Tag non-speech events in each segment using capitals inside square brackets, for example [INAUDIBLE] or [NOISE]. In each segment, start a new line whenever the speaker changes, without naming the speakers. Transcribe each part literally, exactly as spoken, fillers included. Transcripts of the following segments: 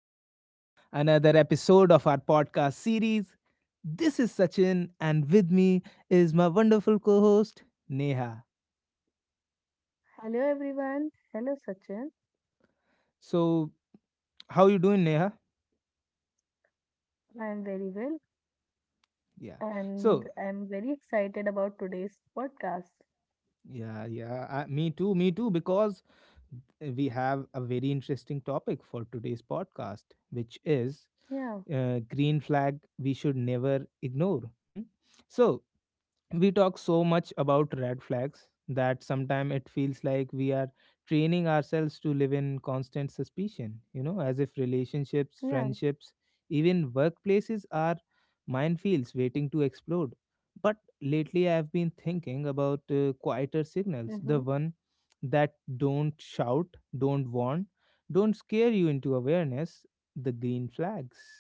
back to another episode of our podcast series. This is Sachin, and with me is my wonderful co host, Neha.
Hello everyone. Hello Sachin.
So, how you doing, Neha?
I am very well
Yeah.
and
So,
I am very excited about today's podcast.
yeah, yeah, I, me too, me too, because we have a very interesting topic for today's podcast, which is
Yeah,
uh, green flag we should never ignore. Hmm? So, we talk so much about red flags that sometimes it feels like we are training ourselves to live in constant suspicion, you know as if
yeah,
relationships, friendships, even workplaces are minefields waiting to explode. But lately I have been thinking about uh, quieter signals,
mm-hmm,
the one that don't shout, don't warn, don't scare you into awareness, the green flags,
mm-hmm,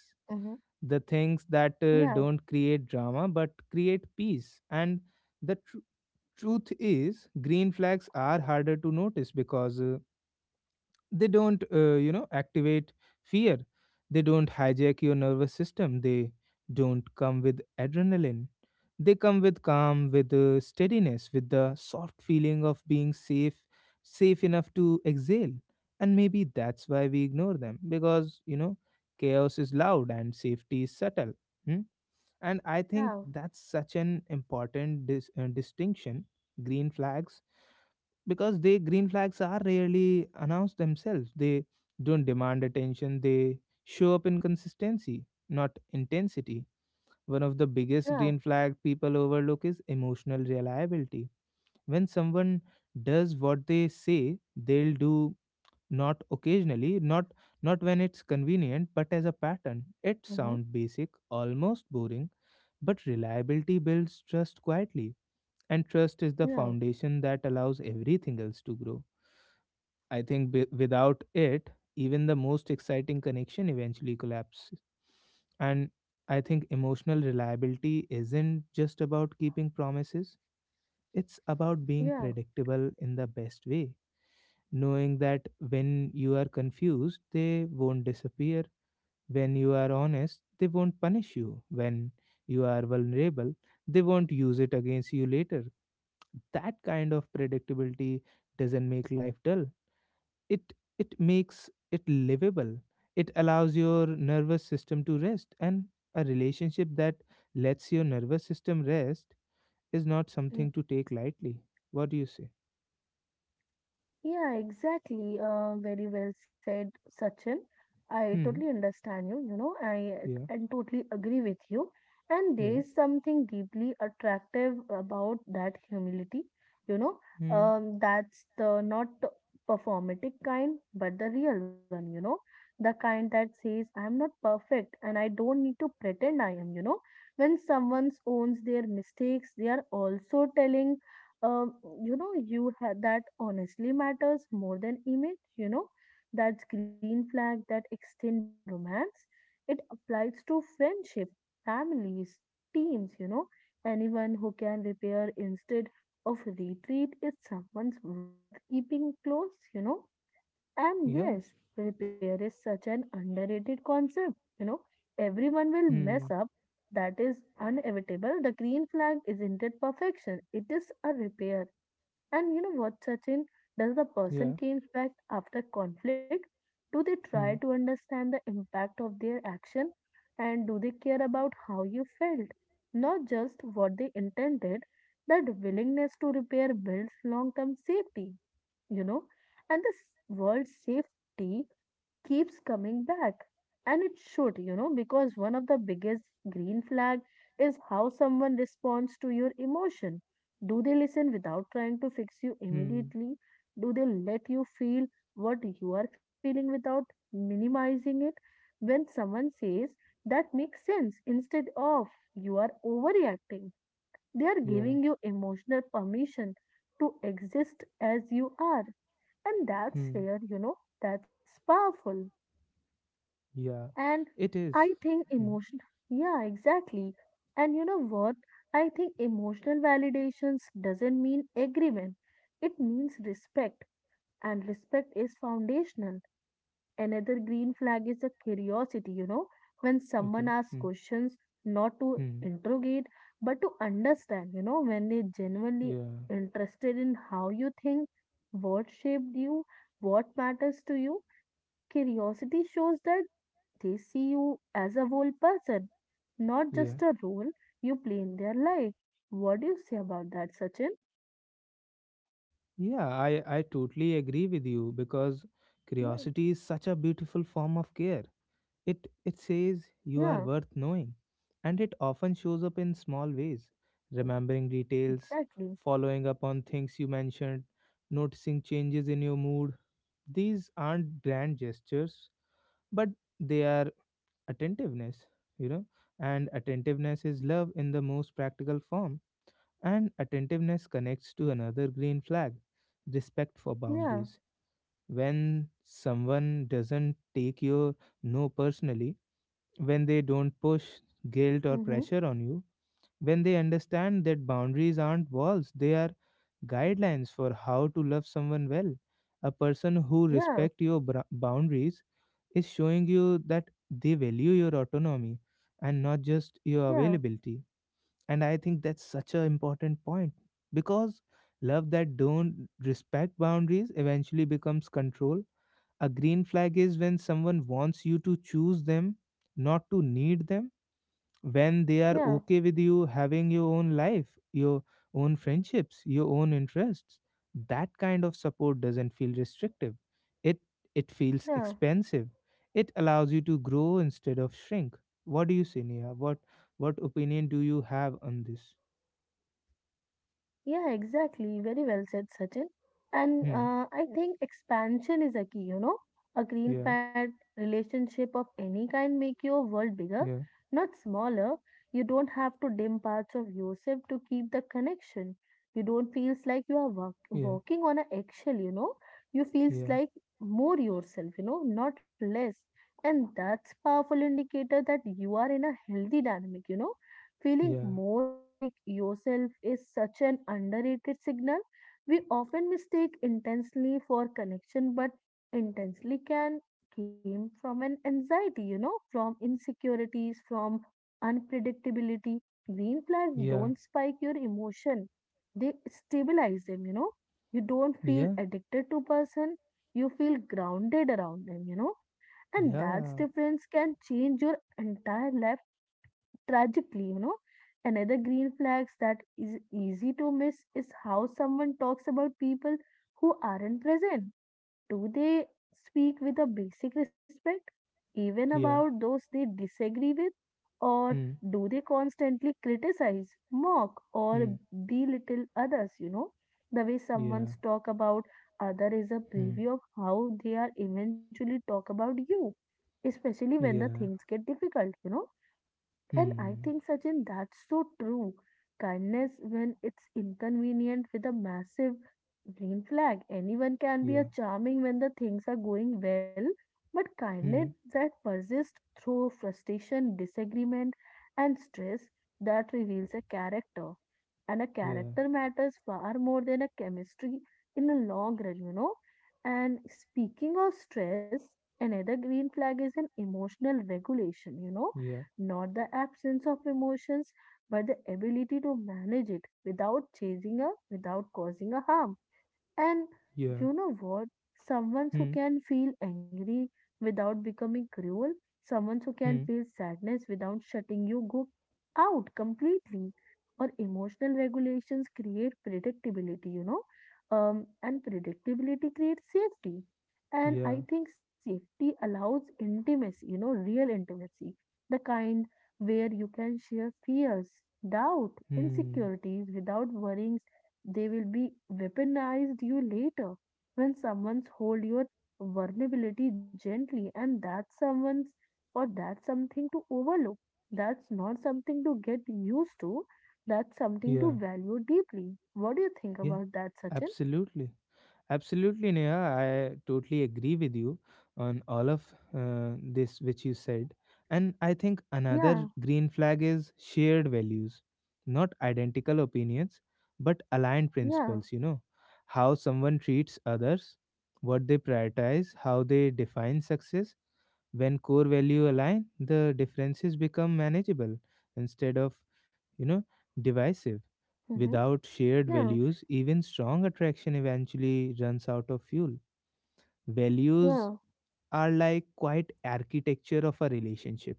the things that
yeah,
uh, don't create drama but create peace. And the tr- truth is green flags are harder to notice because uh, they don't uh, you know activate fear. They don't hijack your nervous system, they don't come with adrenaline. They come with calm, with uh, steadiness, with the soft feeling of being safe, safe enough to exhale. And maybe that's why we ignore them, because you know chaos is loud and safety is subtle. Hmm. And I think
yeah,
that's such an important dis- uh, distinction, green flags, because they green flags are rarely announced themselves. They don't demand attention, they show up in consistency, not intensity. One of the biggest
yeah,
green flag people overlook is emotional reliability. When someone does what they say they'll do, not occasionally, not not when it's convenient, but as a pattern. It
mm-hmm,
sounds basic, almost boring, but reliability builds trust quietly, and trust is the
yeah,
foundation that allows everything else to grow. I think b- without it, even the most exciting connection eventually collapses. And I think emotional reliability isn't just about keeping promises, it's about being
yeah.
predictable in the best way, knowing that when you are confused, they won't disappear. When you are honest, they won't punish you. When you are vulnerable, they won't use it against you later. That kind of predictability doesn't make life dull. It it makes it livable. It allows your nervous system to rest, and a relationship that lets your nervous system rest is not
mm.
something to take lightly. What do you say?
Yeah, exactly. Uh, very well said, Sachin. I totally
Hmm.
understand you, you know, I
Yeah.
and totally agree with you. And there
Yeah.
is something deeply attractive about that humility, you know,
Hmm.
um, that's the not the performatic kind, but the real one, you know, the kind that says, I'm not perfect and I don't need to pretend I am, you know. When someone owns their mistakes, they are also telling um, you know, you had that honestly matters more than image, you know, that green flag that extend beyond romance. It applies to friendship, families, teams, you know, anyone who can repair instead of retreat is someone's worth keeping close, you know. And
Yeah.
yes, repair is such an underrated concept, you know. Everyone will
Hmm.
mess up, that is inevitable. The green flag isn't it perfection, it is a repair and you know what, Sachin? Does the
Yeah.
person came back after conflict? Do they try
Hmm.
to understand the impact of their action? And do they care about how you felt? Not just what they intended, that willingness to repair builds long term safety, you know? And this world safety keeps coming back. And it should, you know, because one of the biggest green flag is how someone responds to your emotion. Do they listen without trying to fix you
Hmm.
immediately? Do they let you feel what you are feeling without minimizing it? When someone says that makes sense instead of you are overreacting, they are
Yeah.
giving you emotional permission to exist as you are. And that's
Hmm.
rare, you know, that's powerful.
Yeah.
And
It
I
is.
think
Hmm.
emotion, yeah, exactly. And you know what? I think emotional validations doesn't mean agreement. It means respect, and respect is foundational. Another green flag is a curiosity, you know, when someone
Okay.
asks
Hmm.
questions not to
Hmm.
interrogate but to understand, you know, when they genuinely
Yeah.
interested in how you think, what shaped you, what matters to you, curiosity shows that they see you as a whole person, not just
Yeah.
a role you play in their life. What do you say about that, Sachin?
Yeah. I I totally agree with you, because
Yeah,
curiosity is such a beautiful form of care. It it says you
yeah,
are worth knowing, and it often shows up in small ways. Remembering details,
exactly.
following up on things you mentioned, noticing changes in your mood. These aren't grand gestures, but they are attentiveness, you know, and attentiveness is love in the most practical form. And attentiveness connects to another green flag, respect for
Yeah,
boundaries. When someone doesn't take your no personally, when they don't push guilt or
mm-hmm.
pressure on you, when they understand that boundaries aren't walls, they are guidelines for how to love someone well. A person who
Yeah,
respects your bra- boundaries is showing you that they value your autonomy, and not just your
yeah,
availability. And I think that's such an important point, because love that don't respect boundaries eventually becomes control. A green flag is when someone wants you to choose them, not to need them, when they are
yeah,
okay with you having your own life, your own friendships, your own interests. That kind of support doesn't feel restrictive. It it feels
yeah.
expansive. It allows you to grow instead of shrink. What do you say, Neha? What what opinion do you have on this?
Yeah, exactly. Very well said, Sachin. And
Hmm.
uh, I think expansion is a key, you know. A green
Yeah.
fat relationship of any kind make your world bigger,
Yeah.
not smaller. You don't have to dim parts of yourself to keep the connection. You don't feels like you are walk
Yeah.
walking on an eggshell, you know. You feels
Yeah.
like more yourself, you know, not less. And that's powerful indicator that you are in a healthy dynamic, you know Feeling
Yeah.
more like yourself is such an underrated signal. We often mistake intensely for connection, but intensely can came from an anxiety, you know, from insecurities, from unpredictability. Green flags
Yeah.
don't spike your emotion. They stabilize them, you know. You don't feel
Yeah.
addicted to person. You feel grounded around them, you know. And that
Yeah.
difference can change your entire life Tragically, you know, another green flags that is easy to miss is how someone talks about people who aren't present. Do they speak with a basic respect, even about
Yeah.
those they disagree with, or
Hmm.
do they constantly criticize, mock, or
Hmm.
belittle others? You know, the way
Yeah.
someone's talk about other is a
Hmm.
preview of how they are eventually talk about you, especially when the
Yeah.
things get difficult. You know and I
Hmm.
think, Sachin, that's so true. Kindness, when it's inconvenient with a massive green flag, anyone can be a
Yeah.
charming when the things are going well. But kindness
Hmm.
that persists through frustration, disagreement, and stress that reveals a character. And a
Yeah.
character matters far more than a chemistry in the long run, you know. And speaking of stress, another green flag is an emotional regulation, you know
Yeah,
not the absence of emotions, but the ability to manage it without chasing a without causing a harm. And
yeah,
you know what? Someone who
hmm,
can feel angry without becoming cruel, someone who can
hmm,
feel sadness without shutting you go out completely. Or emotional regulations create predictability, you know, um, and predictability creates safety. And
yeah,
I think safety allows intimacy, you know, real intimacy, the kind where you can share fears, doubt,
hmm,
insecurities without worrying they will be weaponized you later when someone's hold your vulnerability gently and that's someone's or that's something to overlook. That's not something to get used to. That's something to
yeah,
value deeply. What do you think
yeah,
about that, Sachin?
absolutely, absolutely, Neha. I totally agree with you on all of uh, this which you said, and I think another
Yeah,
green flag is shared values, not identical opinions, but aligned
yeah,
principles. You know, how someone treats others, what they prioritize, how they define success. When core value align, the differences become manageable instead of, you know, divisive.
mm-hmm,
Without shared
yeah,
values, even strong attraction eventually runs out of fuel. Values
yeah,
are like quite architecture of a relationship.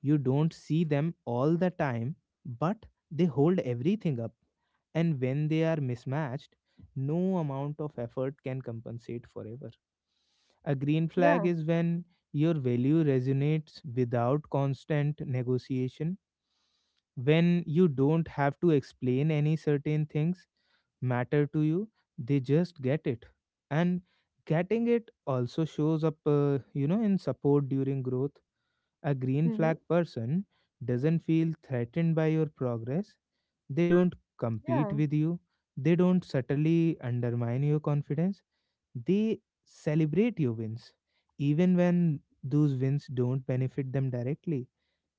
You don't see them all the time, but they hold everything up. And when they are mismatched, no amount of effort can compensate forever. A green
yeah,
flag is when your value resonates without constant negotiation, when you don't have to explain any certain things matter to you, they just get it. And getting it also shows up, uh, you know, in support during growth. A green
mm-hmm,
flag person doesn't feel threatened by your progress, they don't
yeah,
compete with you, they don't subtly undermine your confidence. They celebrate your wins, even when those wins don't benefit them directly.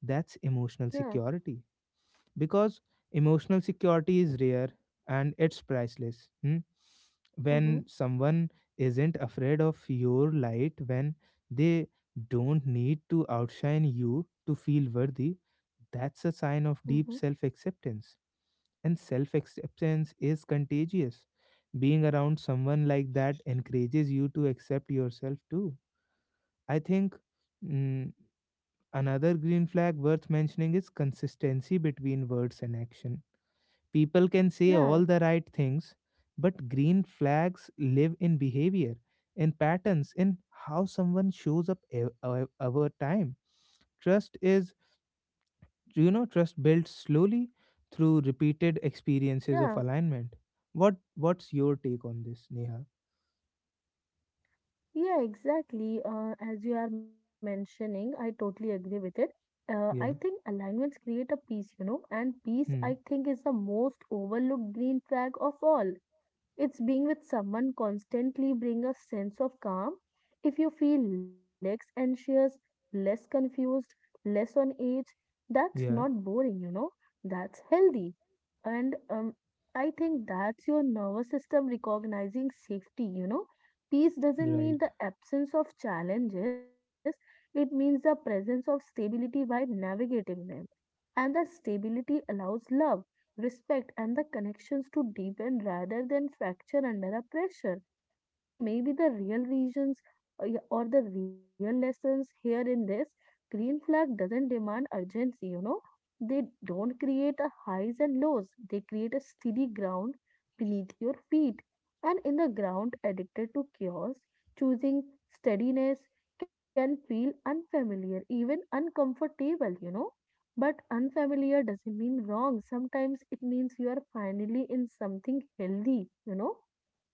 That's emotional
yeah,
security, because emotional security is rare and it's priceless. Hmm?
mm-hmm,
When someone isn't afraid of your light, when they don't need to outshine you to feel worthy, that's a sign of
mm-hmm,
deep self acceptance, and self acceptance is contagious. Being around someone like that encourages you to accept yourself too. I think mm, another green flag worth mentioning is consistency between words and action. People can say
yeah,
all the right things, but green flags live in behavior, in patterns, in how someone shows up ev- ev- over time. Trust is you know trust builds slowly through repeated experiences
yeah.
of alignment. What what's your take on this, Neha?
Yeah, exactly. Uh, as you are mentioning, I totally agree with it. Uh, I think
Yeah.
alignments create a peace, you know, and peace, I
Hmm.
think, is the most overlooked green flag of all. It's being with someone constantly bring a sense of calm. If you feel less anxious, less confused, less on edge, that's not
Yeah.
boring, you know, that's healthy. And um, I think that's your nervous system recognizing safety, you know. Peace doesn't mean
Right.
the absence of challenges, it means the presence of stability while navigating them and the stability allows love, respect, and the connections to deepen rather than fracture under a pressure. So maybe the real reasons uh, yeah, or the real lessons here in this green flag doesn't demand urgency, you know. They don't create a highs and lows. They create a steady ground beneath your feet. And in the ground addicted to chaos, choosing steadiness can feel unfamiliar, even uncomfortable, you know but unfamiliar doesn't mean wrong. Sometimes it means you are finally in something healthy, you know?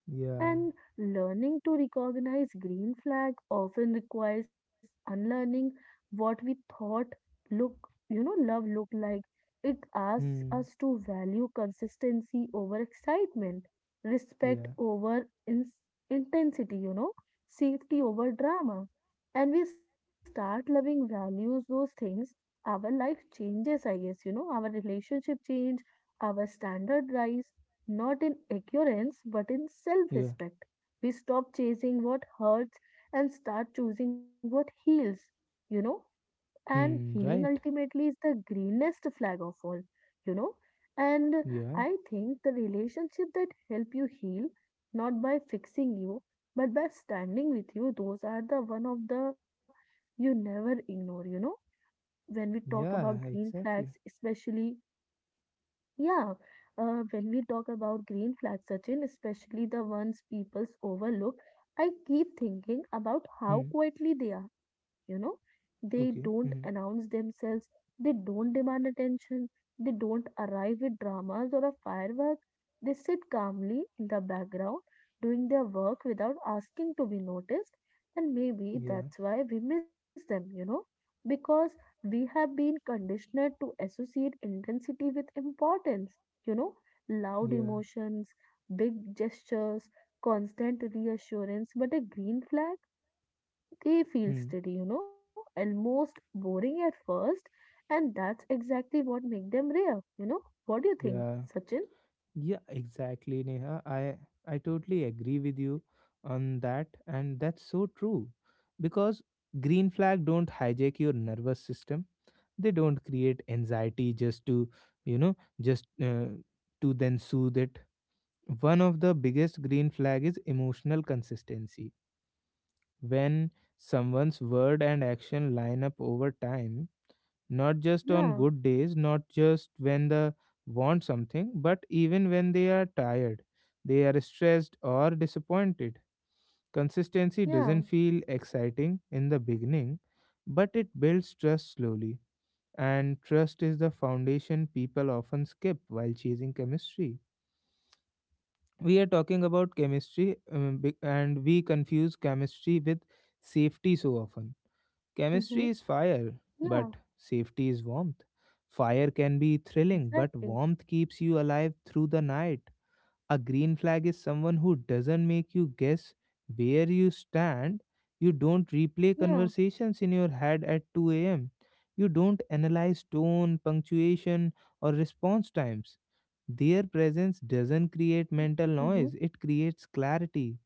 Yeah.
And learning to recognize green flag often requires unlearning what we thought look, you know, love looked like. It asks
Hmm.
us to value consistency over excitement,
Yeah.
respect over ins intensity, you know, safety over drama. And we start loving values those things. Our life changes, I guess, you know, our relationship change, our standard rise not in ignorance, but in self
Yeah.
respect. We stop chasing what hurts and start choosing what heals, you know. And
Hmm.
healing
Right.
ultimately is the greenest flag of all, you know. And
Yeah.
I think the relationship that help you heal, not by fixing you, but by standing with you, those are the one of the you never ignore, you know. When we talk about
Yeah.
green flags,
Exactly.
especially yeah, uh, when we talk about green flags, Sachin, especially the ones people overlook, I keep thinking about how
Hmm.
quietly they are, you know. They don't
Okay. Hmm.
announce themselves, they don't demand attention, they don't arrive with dramas or a firework. They sit calmly in the background, doing their work without asking to be noticed, and maybe
Yeah.
that's why we miss them, you know, because we have been conditioned to associate intensity with importance, you know, loud
Yeah.
emotions, big gestures, constant reassurance, but a green flag, they feel
Hmm.
steady, you know, almost boring at first, and that's exactly what makes them rare, you know. What do you think,
Yeah.
Sachin?
Yeah, exactly, Neha, i i totally agree with you on that, and that's so true, because green flag don't hijack your nervous system. They don't create anxiety just to, you know, just uh, to then soothe it. One of the biggest green flag is emotional consistency, when someone's word and action line up over time, not just on
Yeah,
good days, not just when they want something, but even when they are tired, they are stressed or disappointed. Consistency
yeah,
doesn't feel exciting in the beginning, but it builds trust slowly, and trust is the foundation people often skip while chasing chemistry. We are talking about chemistry, um, be- and we confuse chemistry with safety so often.
mm-hmm,
Chemistry is fire,
yeah,
but safety is warmth. Fire can be thrilling,
exactly,
but warmth keeps you alive through the night. A green flag is someone who doesn't make you guess where you stand. You don't replay
yeah,
conversations in your head at two a m. You don't analyze tone, punctuation, or response times. Their presence doesn't create mental
mm-hmm,
noise, it creates clarity.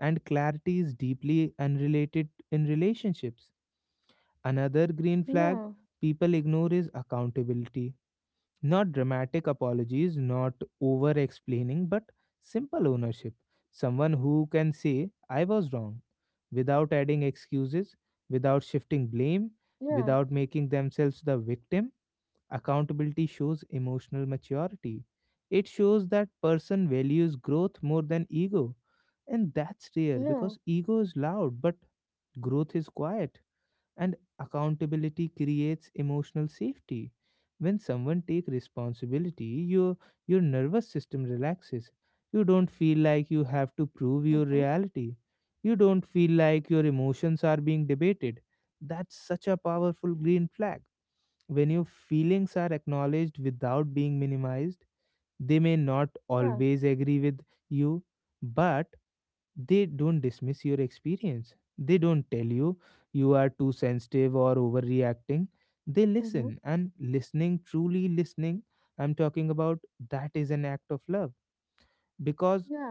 And clarity is deeply unrelated in relationships. Another green
yeah,
flag people ignore is accountability. Not dramatic apologies, not over explaining, but simple ownership. Someone who can say, I was wrong, without adding excuses, without shifting blame,
yeah,
without making themselves the victim. Accountability shows emotional maturity. It shows that person values growth more than ego. And that's rare
yeah,
because ego is loud, but growth is quiet, and accountability creates emotional safety. When someone takes responsibility, your your nervous system relaxes. You don't feel like you have to prove your
mm-hmm,
reality, you don't feel like your emotions are being debated. That's such a powerful green flag, when your feelings are acknowledged without being minimized. They may not
yeah,
always agree with you, but they don't dismiss your experience. They don't tell you you are too sensitive or overreacting. They
mm-hmm,
listen. And listening, truly listening, I'm talking about, that is an act of love, because
yeah,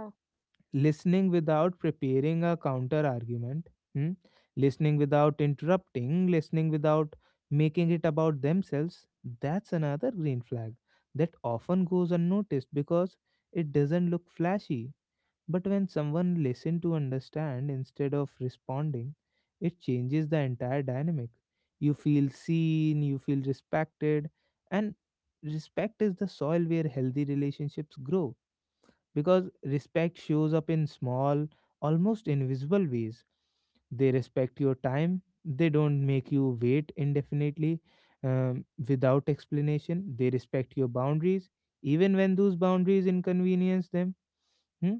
listening without preparing a counter argument, hmm, listening without interrupting, listening without making it about themselves, that's another green flag that often goes unnoticed because it doesn't look flashy. But when someone listens to understand instead of responding, it changes the entire dynamic. You feel seen, you feel respected, and respect is the soil where healthy relationships grow, because respect shows up in small, almost invisible ways. They respect your time, they don't make you wait indefinitely um, without explanation. They respect your boundaries, even when those boundaries inconvenience them. Hmm.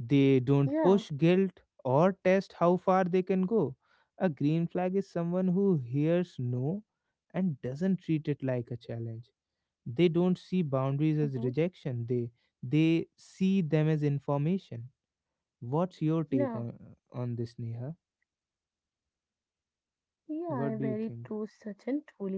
They don't
yeah.
push guilt or test how far they can go. A green flag is someone who hears no and doesn't treat it like a challenge. They don't see boundaries
Mm-hmm.
as rejection. They they see them as information. What's your take
Yeah,
on on this, Neha?
yeah, very
What do you
true,
think?
Sachin, truly said.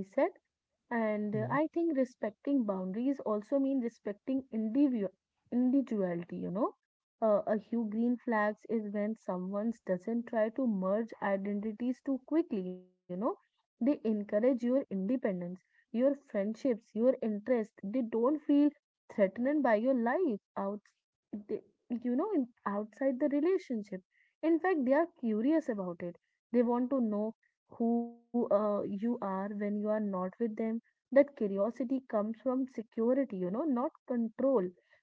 And uh, I
Hmm.
think respecting boundaries also mean respecting individual individuality, you know. Uh, a hue green flags is when someone doesn't try to merge identities too quickly, you know. They encourage your independence, your friendships, your interest. They don't feel threatened by your life out, they, you know, in, outside the relationship. In fact, they are curious about it. They want to know who uh, you are when you are not with them. That curiosity comes from security you know not control.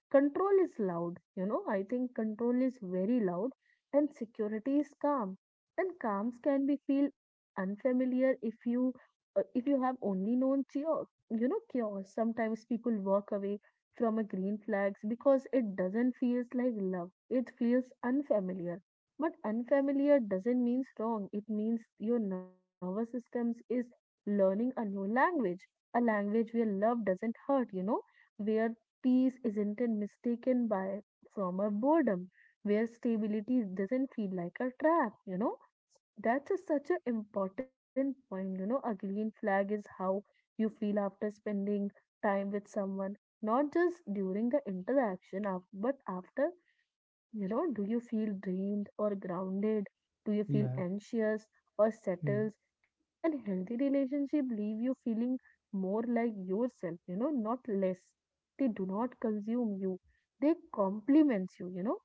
Control is loud. You know i think control is very loud and security is calm. And calms can be feel unfamiliar if you uh, if you have only known chaos you know chaos sometimes people walk away from a green flags because it doesn't feels like love, it feels unfamiliar. But unfamiliar doesn't means wrong. It means your nervous systems is learning a new language, a language where love doesn't hurt, you know, where peace isn't mistaken by from a boredom, where stability doesn't feel like a trap, you know. That's a, such an important point, you know. A green flag is how you feel after spending time with someone, not just during the interaction, af- but after you know, do you feel drained or grounded? Do you feel
Yeah.
anxious or
Hmm.
settled? And healthy relationship leave you feeling more like yourself, you know, not less. They do not consume you. They complement you, you know.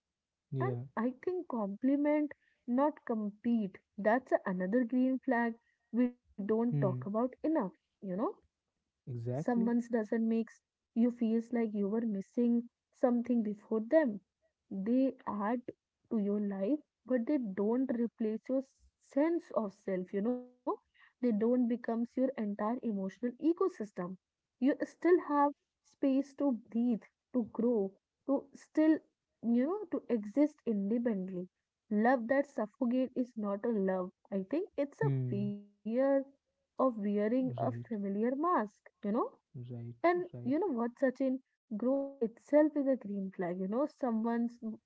And
Yeah.
I think complement, not compete. That's another green flag we don't talk
Hmm.
about enough, you know someone's
Exactly.
doesn't makes you feels like you were missing something before them. They add to your life, but they don't replace your s- sense of self, you know. They don't becomes your entire emotional ecosystem. You still have space to breathe, to grow, to still, you know, to exist independently. Love that suffocate is not a love. I think it's a
Hmm.
fear of wearing a
Right.
familiar mask, you know?
Right.
And you know
Right.
what, Sachin? Growth itself is a green flag. You know, someone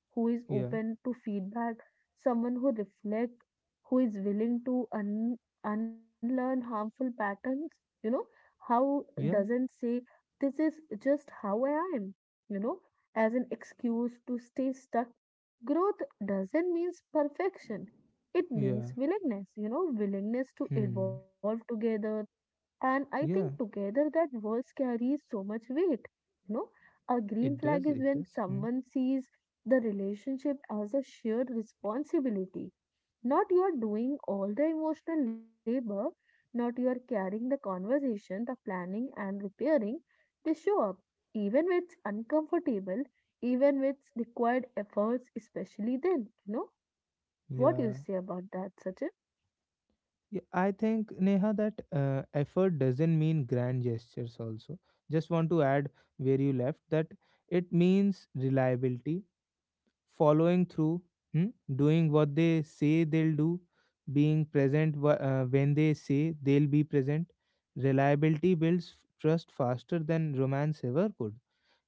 who is
Yeah.
open to feedback, someone who reflects, who is willing to un- unlearn harmful patterns. You know, how
Yeah.
doesn't say this is just how I am. You know, as an excuse to stay stuck. Growth doesn't mean perfection. It
Yeah.
means willingness. You know, willingness to
Hmm.
evolve together, and I think
Yeah.
together that words carry so much weight. You know, a green
It
flag
does.
is
It
when
does. Hmm.
someone sees the relationship as a shared responsibility. Not you are doing all the emotional labor, not you are carrying the conversation, the planning and repairing. They show up, even when it's uncomfortable, even with required efforts, especially then. You know, what do you
Yeah,
say about that, Sachin?
yeah, I think Neha that uh, effort doesn't mean grand gestures also. Just want to add where you left that, it means reliability, following through, hmm, doing what they say they'll do, being present wh- uh, when they say they'll be present. Reliability builds f- trust faster than romance ever could,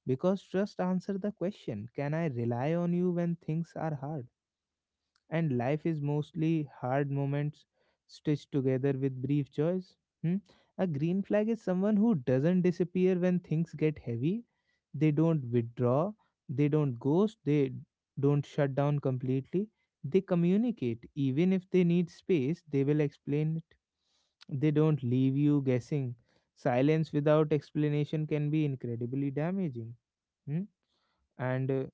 because trust answer the question, can I rely on you when things are hard? And life is mostly hard moments stitched together with brief joys. Hmm? A green flag is someone who doesn't disappear when things get heavy. They don't withdraw, they don't ghost, they don't shut down completely. They communicate. Even if they need space, they will explain it. They don't leave you guessing. Silence without explanation can be incredibly damaging. Hmm? And uh,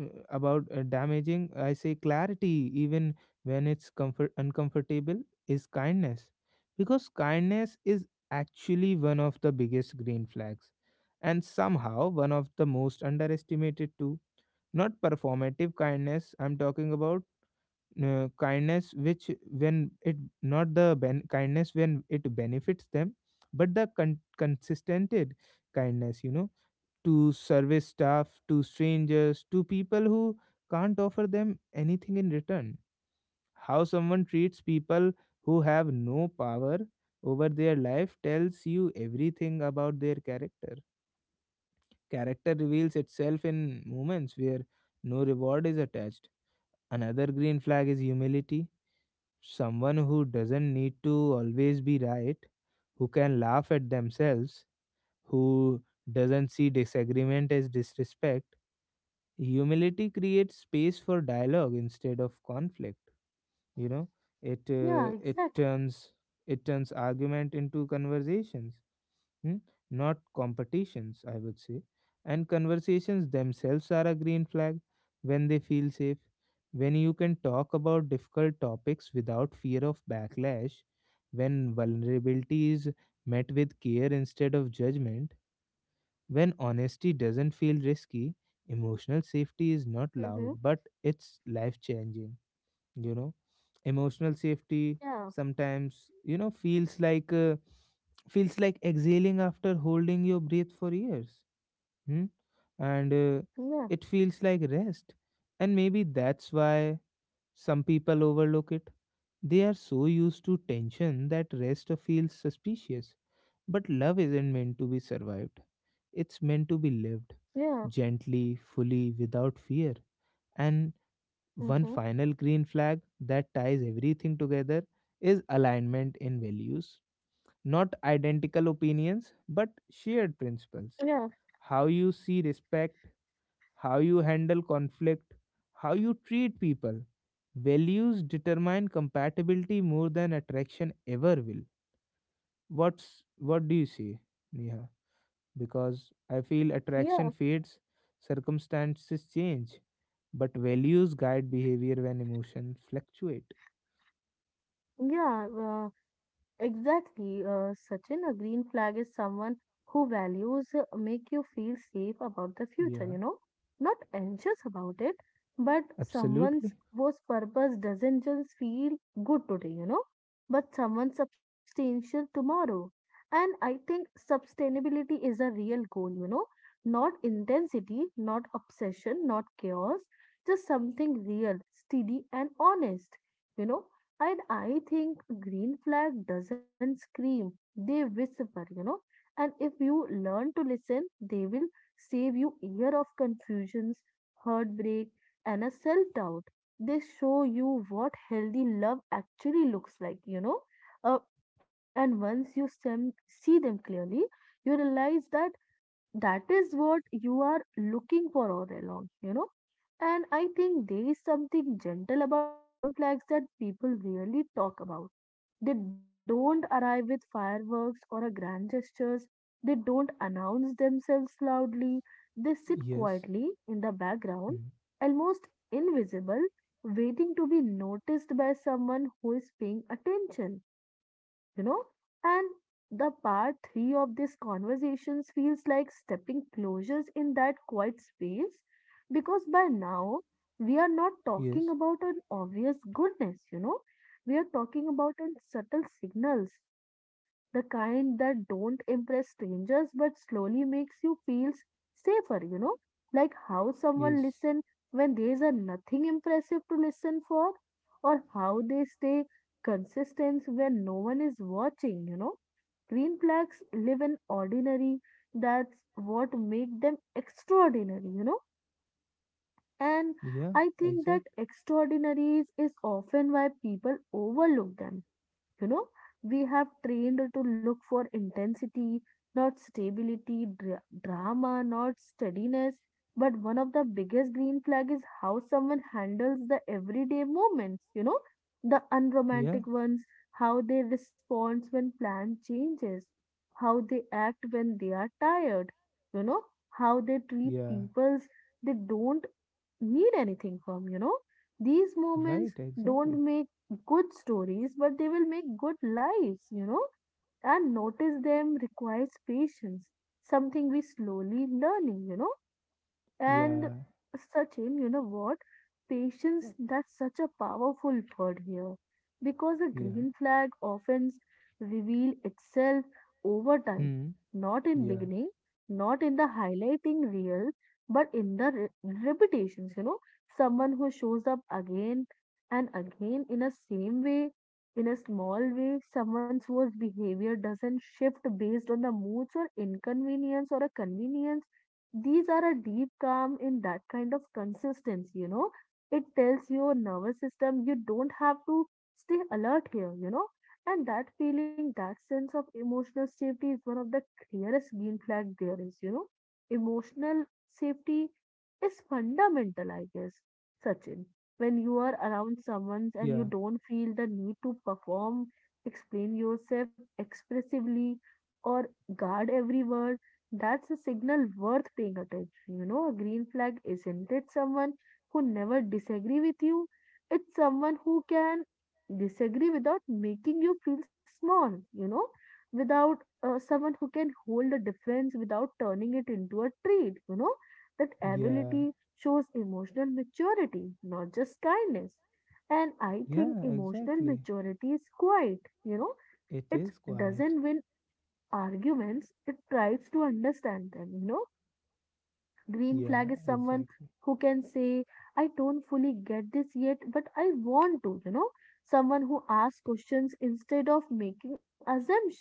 uh, about uh, damaging, I say clarity even when it's comfort uncomfortable is kindness, because kindness is actually one of the biggest green flags and somehow one of the most underestimated too. Not performative kindness I'm talking about, uh, kindness which when it not the ben- kindness when it benefits them, but the con- consistent kindness, you know, to service staff, to strangers, to people who can't offer them anything in return. How someone treats people who have no power over their life tells you everything about their character. Character reveals itself in moments where no reward is attached. Another green flag is humility. Someone who doesn't need to always be right, who can laugh at themselves, who doesn't see disagreement as disrespect. Humility creates space for dialogue instead of conflict, you know. it
Yeah,
uh, it
exactly.
turns it turns argument into conversations, hmm? Not competitions, I would say. And conversations themselves are a green flag, when they feel safe, when you can talk about difficult topics without fear of backlash, when vulnerability is met with care instead of judgment, when honesty doesn't feel risky. Emotional safety is not
Hmm.
loud, but it's life changing. You know, emotional safety
Yeah,
sometimes, you know, feels like. Uh, feels like exhaling after holding your breath for years. Hmm? And uh,
yeah,
It feels like rest. And maybe that's why some people overlook it. They are so used to tension that rest feels suspicious. But love isn't meant to be survived, it's meant to be lived
yeah.
gently, fully, without fear. And one
Mhm.
final green flag that ties everything together is alignment in values. Not identical opinions, but shared
Yeah.
principles. How you see respect, how you handle conflict, how you treat people. Values determine compatibility more than attraction ever will. What's what do you say, Neha? Because I feel
Yeah.
attraction fades, circumstances change, but values guide behavior when emotions fluctuate.
Yeah, uh, exactly. Uh, Sachin, a green flag is someone who values uh, make you feel safe about the future, you
Yeah,
know, not anxious about it, but someone's
absolutely.
whose purpose doesn't just feel good today, you know, but someone substantial tomorrow. And I think sustainability is a real goal, you know, not intensity, not obsession, not chaos, just something real, steady, and honest you know and I think green flag doesn't scream, they whisper, you know. And if you learn to listen, they will save you year of confusions, heartbreak, and a self-doubt. They show you what healthy love actually looks like, you know. Uh, and once you sem- see them clearly, you realize that that is what you are looking for all along, you know. And I think there is something gentle about green flags that people really talk about. They don't arrive with fireworks or a grand gestures. They don't announce themselves loudly. They sit
Yes.
quietly in the background,
Hmm.
almost invisible, waiting to be noticed by someone who is paying attention you know and the part three of this conversations feels like stepping closures in that quiet space because by now we are not
Yes.
talking about an obvious goodness you know we are talking about an subtle signals the kind that don't impress strangers but slowly makes you feel safer you know like how someone
Yes.
listen when there is a nothing impressive to listen for or how they stay consistence when no one is watching, you know. Green flags live in ordinary, that's what make them extraordinary, you know. And
Yeah,
I think that
exactly.
extraordinaries is often why people overlook them you know, we have trained to look for intensity, not stability, dra- drama, not steadiness. But one of the biggest green flag is how someone handles the everyday moments, you know, the
Yeah.
unromantic ones, how they respond when plan changes, how they act when they are tired, you know, how they treat
Yeah.
peoples they don't need anything from, you know. These moments
Right, exactly.
don't make good stories, but they will make good lives, you know. And notice them requires patience, something we slowly learning, you know. And
Yeah.
Sachin, you know what? Patience, that's such a powerful word here because a
Yeah.
green flag often reveal itself over time,
Hmm.
not in
Yeah,
beginning, not in the highlighting reel, but in the re- repetitions, you know, someone who shows up again and again in a same way, in a small way, someone's whose behavior doesn't shift based on the moods or inconvenience or a convenience these are a deep calm in that kind of consistency, you know. It tells your nervous system you don't have to stay alert here, you know. And that feeling, that sense of emotional safety is one of the clearest green flag there is, you know. Emotional safety is fundamental, I guess, Sachin. When you are around someone and you
yeah,
don't feel the need to perform, explain yourself expressively, or guard every word that's a signal worth paying attention. You know, a green flag isn't it someone who never disagree with you? It's someone who can disagree without making you feel small, you know, without uh, someone who can hold a difference without turning it into a trait, you know. That
yeah,
ability shows emotional maturity, not just kindness. And I think
yeah,
emotional
exactly.
maturity is quiet, you know,
It
it
is
doesn't
quiet.
win arguments, it tries to understand them, you know. Green flag
Yeah,
is someone
exactly.
who can say, I don't fully get this yet, but I want to, you know. Someone who asks questions instead of making assumptions.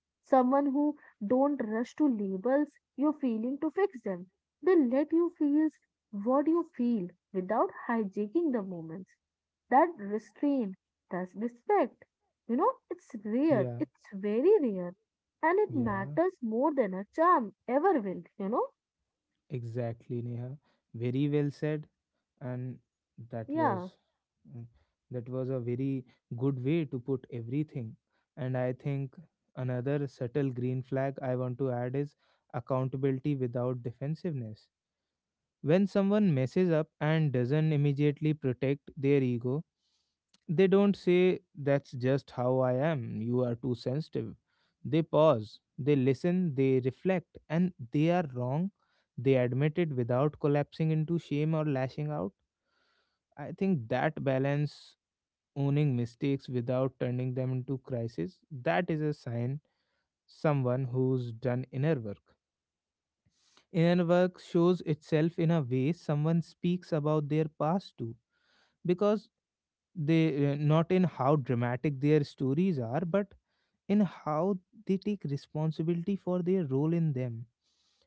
Someone who don't rush to labels your feeling to fix them. They let you feel what you feel without hijacking the moments that restraint, that respect. You know, it's rare,
Yeah,
it's very rare, and it
yeah,
matters more than a charm ever will, you know?
exactly, Neha. Very well said. And that
Yeah,
was mm, that was a very good way to put everything. And I think another subtle green flag I want to add is accountability without defensiveness. When someone messes up and doesn't immediately protect their ego, they don't say, "That's just how I am, you are too sensitive." They pause, they listen, they reflect, and they are wrong. They admit it without collapsing into shame or lashing out. I think that balance, owning mistakes without turning them into crisis, that is a sign someone who's done inner work. Inner work shows itself in a way someone speaks about their past too, because they uh, not in how dramatic their stories are, but in how they take responsibility for their role in them.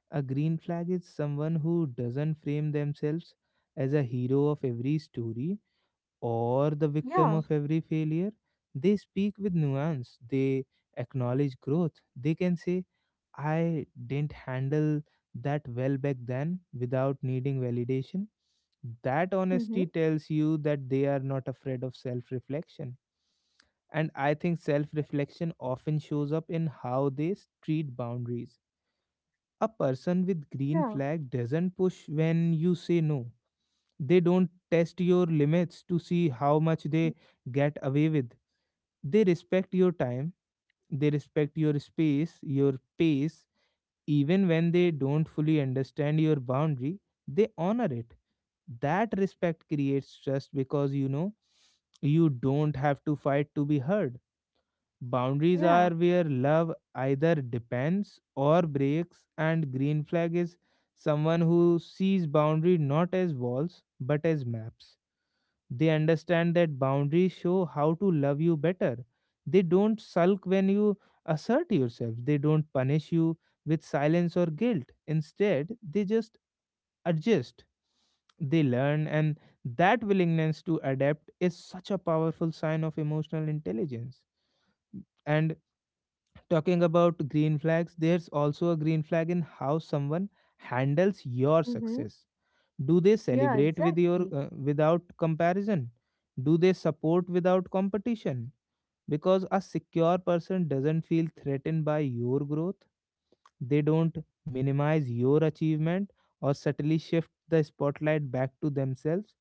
A green flag is someone who doesn't frame themselves as a hero of every story or the victim
yeah,
of every failure. They speak with nuance, they acknowledge growth. They can say, "I didn't handle that well back then," without needing validation. That
mm-hmm,
honesty tells you that they are not afraid of self reflection. And I think self reflection often shows up in how they treat boundaries. A person with green
yeah,
flag doesn't push when you say no. They don't test your limits to see how much
mm,
they get away with. They respect your time, they respect your space, your pace. Even when they don't fully understand your boundary, they honor it. That respect creates trust because you know you don't have to fight to be heard. Boundaries
yeah,
are where love either depends or breaks, and green flag is someone who sees boundary not as walls but as maps. They understand that boundaries show how to love you better. They don't sulk when you assert yourself. They don't punish you with silence or guilt. Instead, they just adjust. They learn, and that willingness to adapt is such a powerful sign of emotional intelligence. And talking about green flags, there's also a green flag in how someone handles your
mm-hmm,
success. Do they
yeah,
celebrate with your
exactly.
uh, without comparison? Do they support without competition? Because a secure person doesn't feel threatened by your growth. They don't minimize your achievement or subtly shift the spotlight back to themselves.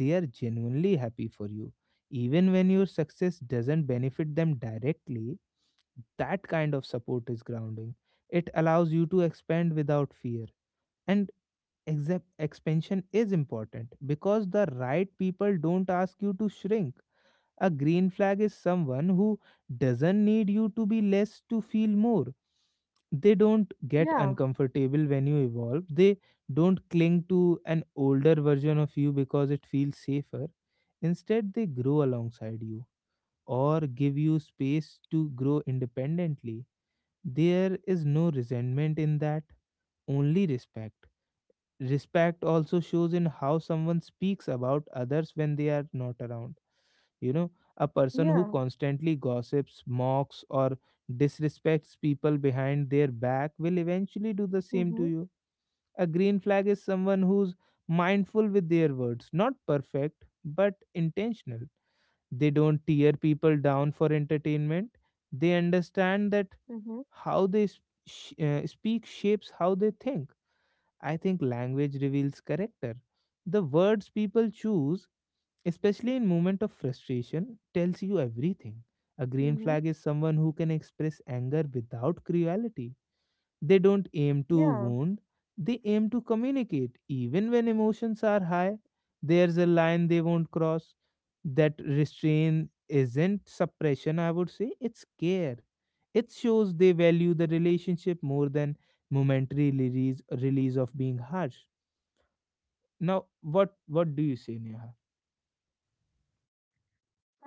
They are genuinely happy for you even when your success doesn't benefit them directly. That kind of support is grounding. It allows you to expand without fear. And except expansion is important because the right people don't ask you to shrink. A green flag is someone who doesn't need you to be less to feel more. They don't get
Yeah,
uncomfortable when you evolve. They don't cling to an older version of you because it feels safer. Instead, they grow alongside you or give you space to grow independently. There is no resentment in that, only respect. Respect also shows in how someone speaks about others when they are not around. You know, a person who
yeah,
constantly gossips, mocks, or disrespects people behind their back will eventually do the same to
mm-hmm,
you. A green flag is someone who's mindful with their words, not perfect, but intentional. They don't tear people down for entertainment. They understand that
mm-hmm,
how they s- sh- uh, speak shapes how they think. I think language reveals character. The words people choose, especially in moment of frustration, tells you everything. A green
mm-hmm,
flag is someone who can express anger without cruelty. They don't aim to
yeah.
wound, they aim to communicate even when emotions are high. There's a line they won't cross. That restraint isn't suppression, I would say, it's care. It shows they value the relationship more than momentary release, release of being harsh. Now, what what do you say, Neha?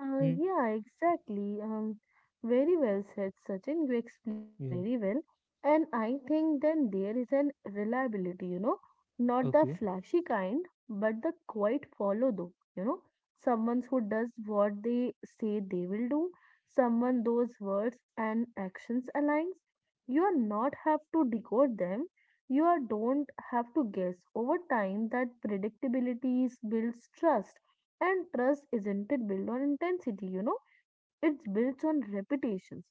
Uh,
Hmm?
yeah, exactly. Um, very well said, Sachin. You explained it
Yeah.
very well. And I think then there is an reliability, you know, not the
Okay.
flashy kind, but the quiet follow though, you know, someone who does what they say they will do, someone those words and actions aligns. You are not have to decode them. You are don't have to guess. Over time, that predictability is builds trust and trust isn't it built on intensity, you know? It's built on reputations.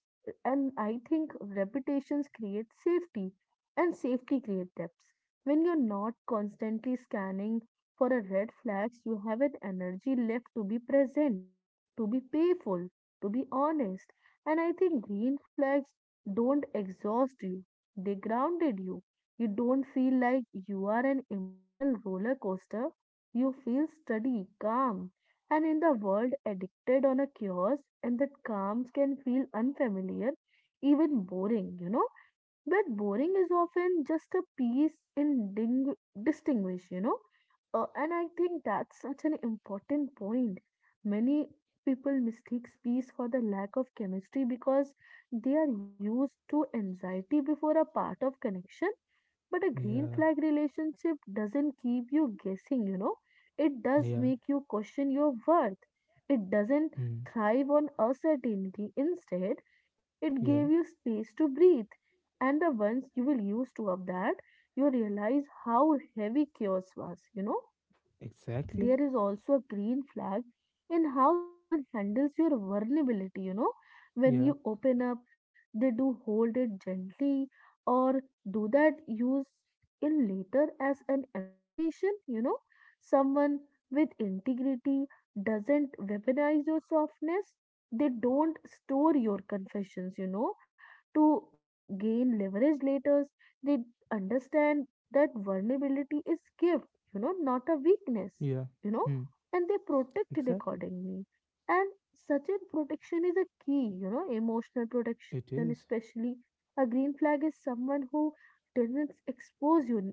And I think reputations create safety, and safety creates depth. When you're not constantly scanning for a red flags, you have an energy left to be present to be payful, to be honest. And I think green flags don't exhaust you, they grounded you. You don't feel like you are an emotional roller coaster. You feel steady, calm. And in the world addicted on a chaos, and that calms can feel unfamiliar, even boring, you know. But boring is often just a piece in ding- distinguish, you know. Uh, and I think that's such an important point. Many people mistake peace for the lack of chemistry because they are used to anxiety before a part of connection. But a green
Yeah.
flag relationship doesn't keep you guessing, you know. It does
Yeah.
make you question your worth. It doesn't
Hmm.
thrive on uncertainty. Instead, it gave you
Yeah.
space to breathe. And the ones you will use to up that, you realize how heavy chaos was, you know
Exactly.
there is also a green flag in how someone handles your vulnerability. You know, when
Yeah.
you open up, they do hold it gently or do that use in later as an ammunition. You know, someone with integrity doesn't weaponize your softness, they don't store your confessions, you know, to gain leverage later. They understand that vulnerability is gift, you know, not a weakness
Yeah.
you know,
Hmm.
and they protect it
Exactly.
accordingly. And such a protection is a key, you know, emotional
It
protection,
is.
especially a green flag is someone who doesn't expose you,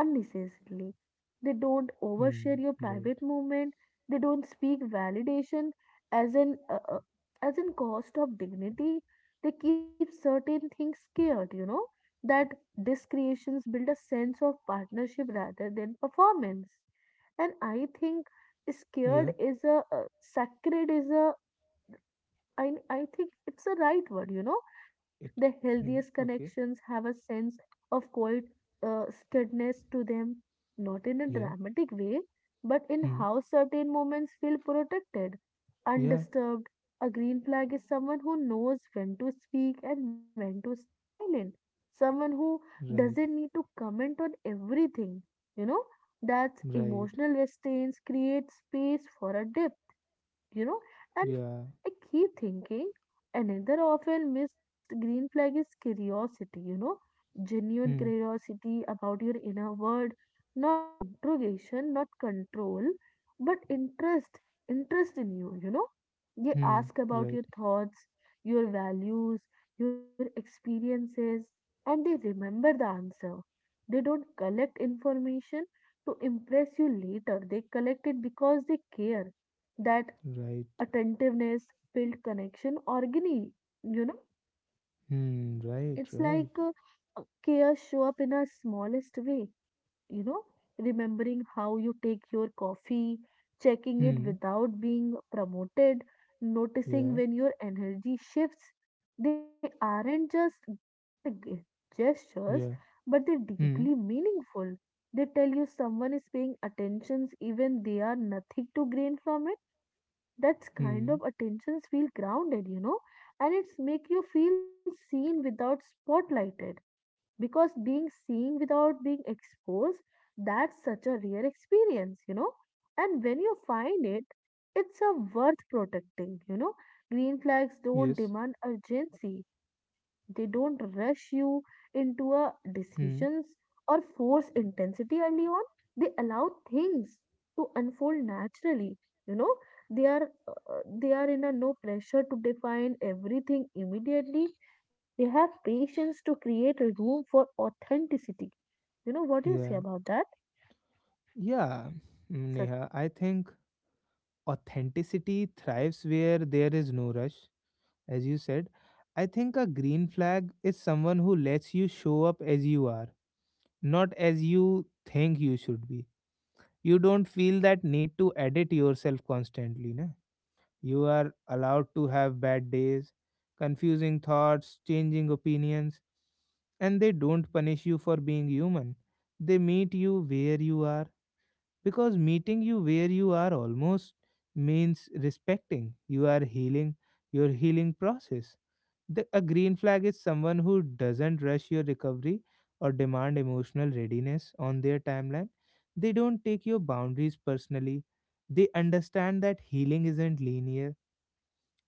unnecessarily. They don't overshare
Hmm.
your private
Right.
movement. They don't speak validation as an uh, uh, as in cost of dignity. They keep certain things scared, you know, that discretions build a sense of partnership rather than performance. And I think
Yeah.
scared is a uh, sacred is a I, I think it's the right word, you know. The
It.
healthiest
Hmm.
connections
Okay.
have a sense of quiet uh, steadiness to them, not in a
Yeah.
dramatic way, but in
Hmm.
how certain moments feel protected,
Yeah.
undisturbed. A green flag is someone who knows when to speak and when to stay silent, someone who
Right.
doesn't need to comment on everything, you know. That
Right.
emotional restraints create space for a dip you know, and
Yeah.
I keep thinking another often missed green flag is curiosity, you know, genuine
Hmm.
curiosity about your inner world, not interrogation, not control, but interest, interest in you, you know. They
Hmm.
ask about your
Right.
thoughts, your values, your experiences, and they remember the answer. They don't collect information to impress you later, they collect it because they care that
Right.
attentiveness, build connection organically. You know,
Hmm.
it's
Right.
like uh,
Right.
uh, care show up in a smallest way. You know, remembering how you take your coffee, checking it
Hmm.
without being promoted, noticing
Yeah.
when your energy shifts. They aren't just grand g- gestures,
Yeah.
but they're
Hmm.
deeply meaningful. They tell you someone is paying attentions even they are nothing to gain from it that's kind
Hmm.
of attentions feel grounded, you know, and it's make you feel seen without spotlighted because being seen without being exposed that's such a rare experience you know and when you find it it's a worth protecting you know green flags don't
Yes.
demand urgency they don't rush you into a
Hmm.
decisions or force intensity early on they allow things to unfold naturally you know they are uh, they are in a no pressure to define everything immediately they have patience to create a room for authenticity. You know, what do you say
Yeah.
about that?
Yeah, mm,
So,
Neha, I think authenticity thrives where there is no rush, as you said. I think a green flag is someone who lets you show up as you are, not as you think you should be. You don't feel that need to edit yourself constantly, na? You are allowed to have bad days, confusing thoughts, changing opinions, and they don't punish you for being human. They meet you where you are, because meeting you where you are almost means respecting you are healing your healing process the, A green flag is someone who doesn't rush your recovery or demand emotional readiness on their timeline. They don't take your boundaries personally. They understand that healing isn't linear,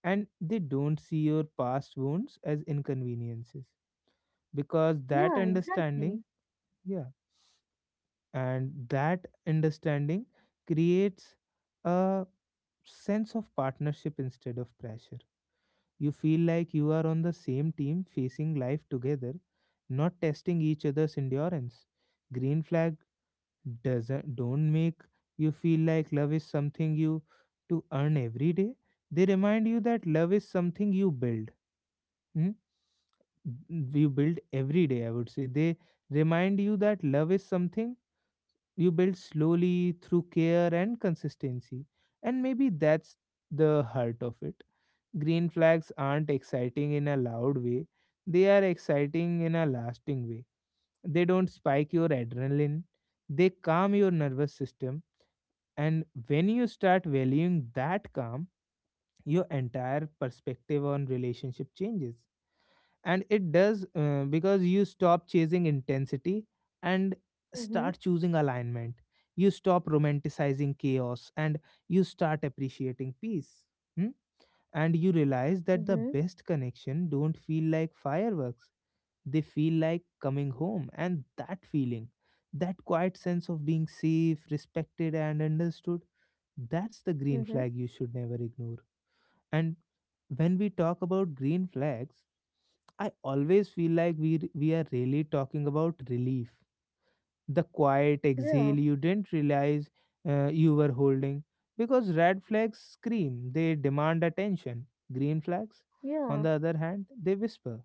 and they don't see your past wounds as inconveniences, because that
yeah,
understanding,
exactly.
yeah, and that understanding creates a sense of partnership instead of pressure. You feel like you are on the same team facing life together, not testing each other's endurance. Green flag doesn't don't make you feel like love is something you to earn every day. They remind you that love is something you build. Hmm? You build every day, I would say. They remind you that love is something you build slowly through care and consistency. And maybe that's the heart of it. Green flags aren't exciting in a loud way, they are exciting in a lasting way. They don't spike your adrenaline, they calm your nervous system. And when you start valuing that calm, your entire perspective on relationship changes. And it does, uh, because you stop chasing intensity and
Mm-hmm,
start choosing alignment. You stop romanticizing chaos and you start appreciating peace. Hmm? And you realize that the
mm-hmm,
best connection don't feel like fireworks, they feel like coming home. And that feeling, that quiet sense of being safe, respected and understood, that's the green
mm-hmm.
flag you should never ignore. And when we talk about green flags, I always feel like we we are really talking about relief, the quiet
Yeah,
exhale you didn't realize uh, you were holding. Because red flags scream, they demand attention. Green flags, on
yeah,
the other hand, they whisper.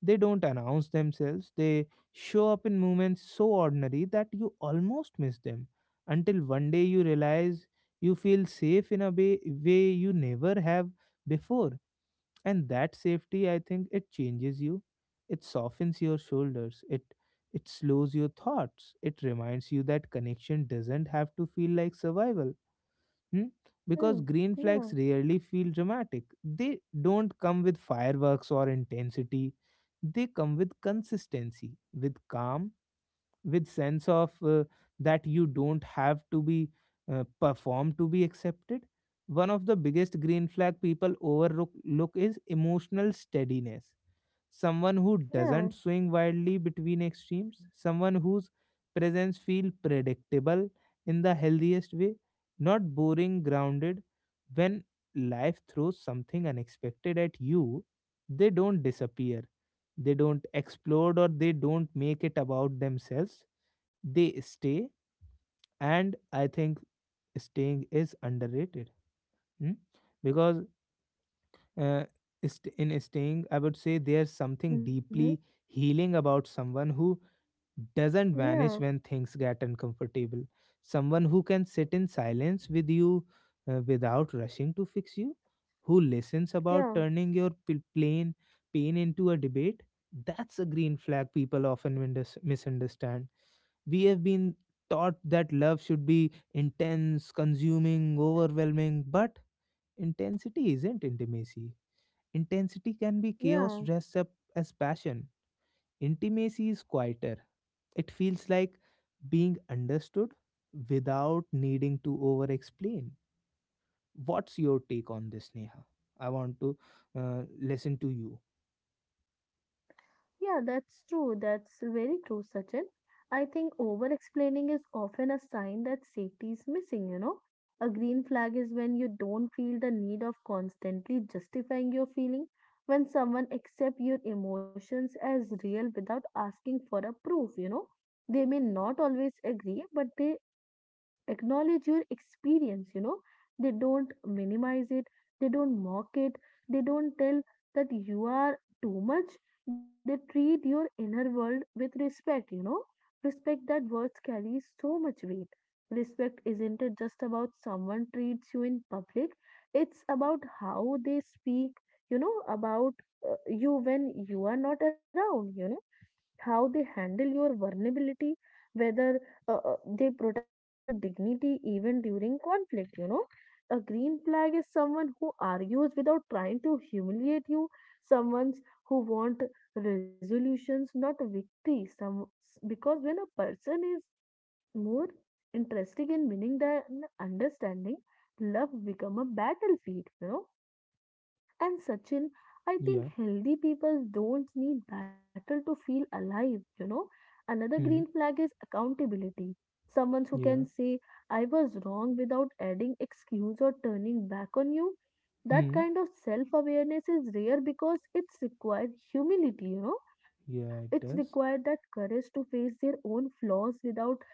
They don't announce themselves, they show up in moments so ordinary that you almost miss them. Until one day you realize you feel safe in a way, way you never have before. And that safety, I think it changes you. It softens your shoulders, it it slows your thoughts, it reminds you that connection doesn't have to feel like survival. Hmm? Because
mm,
green
yeah,
flags rarely feel dramatic. They don't come with fireworks or intensity. They come with consistency, with calm, with sense of uh, that you don't have to be uh, perform to be accepted. One of the biggest green flag people overlook look is emotional steadiness. Someone who
yeah,
doesn't swing wildly between extremes, someone whose presence feel predictable in the healthiest way, not boring, grounded. When life throws something unexpected at you, they don't disappear, they don't explode or they don't make it about themselves. They stay. And I think staying is underrated. Mm? Because uh, st- in staying I would say there's something
mm-hmm,
deeply healing about someone who doesn't
yeah,
vanish when things get uncomfortable. Someone who can sit in silence with you, uh, without rushing to fix you, who listens about
yeah,
turning your p- plain pain into a debate. That's a green flag people often mindes- misunderstand. We have been taught that love should be intense, consuming, overwhelming, but intensity isn't intimacy. Intensity can be chaos
yeah.
dressed up as passion. Intimacy is quieter. It feels like being understood without needing to over explain. What's your take on this, Neha? I want to uh, listen to you.
Yeah, that's true. That's very true, Sachin. I think over explaining is often a sign that safety is missing, you know. A green flag is when you don't feel the need of constantly justifying your feeling, when someone accepts your emotions as real without asking for a proof, you know. They may not always agree, but they acknowledge your experience, you know, they don't minimize it, they don't mock it, they don't tell that you are too much. They treat your inner world with respect, you know, respect that words carries so much weight. Respect isn't it just about someone treats you in public, it's about how they speak, you know about uh, you when you are not around, you know, how they handle your vulnerability, whether uh, uh, they protected your dignity even during conflict, you know. A green flag is someone who argues without trying to humiliate you, someone who want resolutions, not victory. Some, because when a person is more interested in meaning than understanding, love become a battlefield, you know. And Sachin, I think
Yeah.
healthy people don't need battle to feel alive, you know. Another green
Hmm.
flag is accountability. Someone who can
Yeah.
say, I was wrong without adding excuse or turning back on you. That
Hmm.
kind of self awareness is rare because it's required humility, you know. It's
Yeah, it
required that
does.
courage to face their own flaws without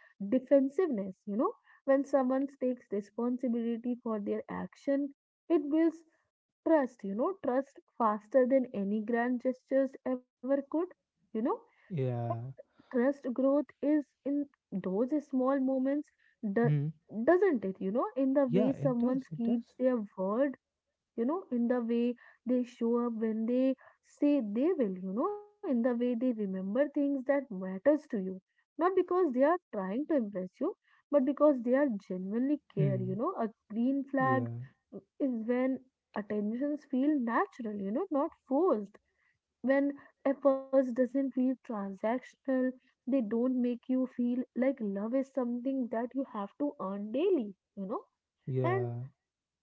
defensiveness, you know. When someone takes responsibility for their action, it builds trust, you know, trust faster than any grand gestures ever could. You know,
Yeah.
trust growth is in those small moments, do-
Hmm.
doesn't it? You know, in the
Yeah,
way
it
someone
does. It
keeps
does.
their word, you know, in the way they show up when they say they will, you know, in the way they remember things that matters to you. Not because they are trying to impress you, but because they are genuinely care, you
Hmm.
know, a green flag
Yeah.
is when attentions feel natural, you know, not forced. When efforts doesn't feel transactional, they don't make you feel like love is something that you have to earn daily, you know. And
Yeah.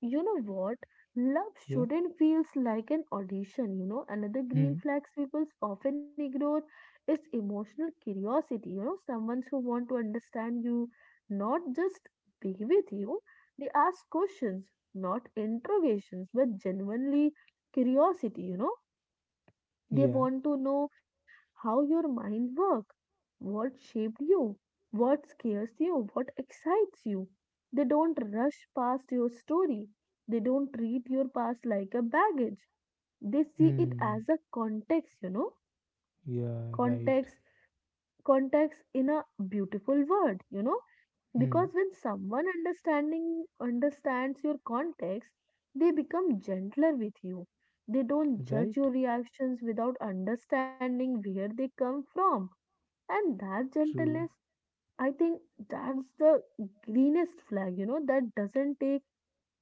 you know what? Love
Yeah.
shouldn't feel like an audition, you know. Another green
Hmm.
flags people often ignore is emotional curiosity, you know, someone who want to understand you, not just be with you. They ask questions, not interrogations, but genuinely curiosity, you know. They
Yeah.
want to know how your mind works, what shaped you, what scares you, what excites you. They don't rush past your story. They don't treat your past like a baggage. They see it
Hmm.
as a context, you know,
Yeah.
context,
Right.
context in a beautiful word, you know, because
Hmm.
when someone understanding understands your context, they become gentler with you. They don't judge
Right.
your reactions without understanding where they come from. And that gentleness,
True.
I think that's the greenest flag, you know, that doesn't take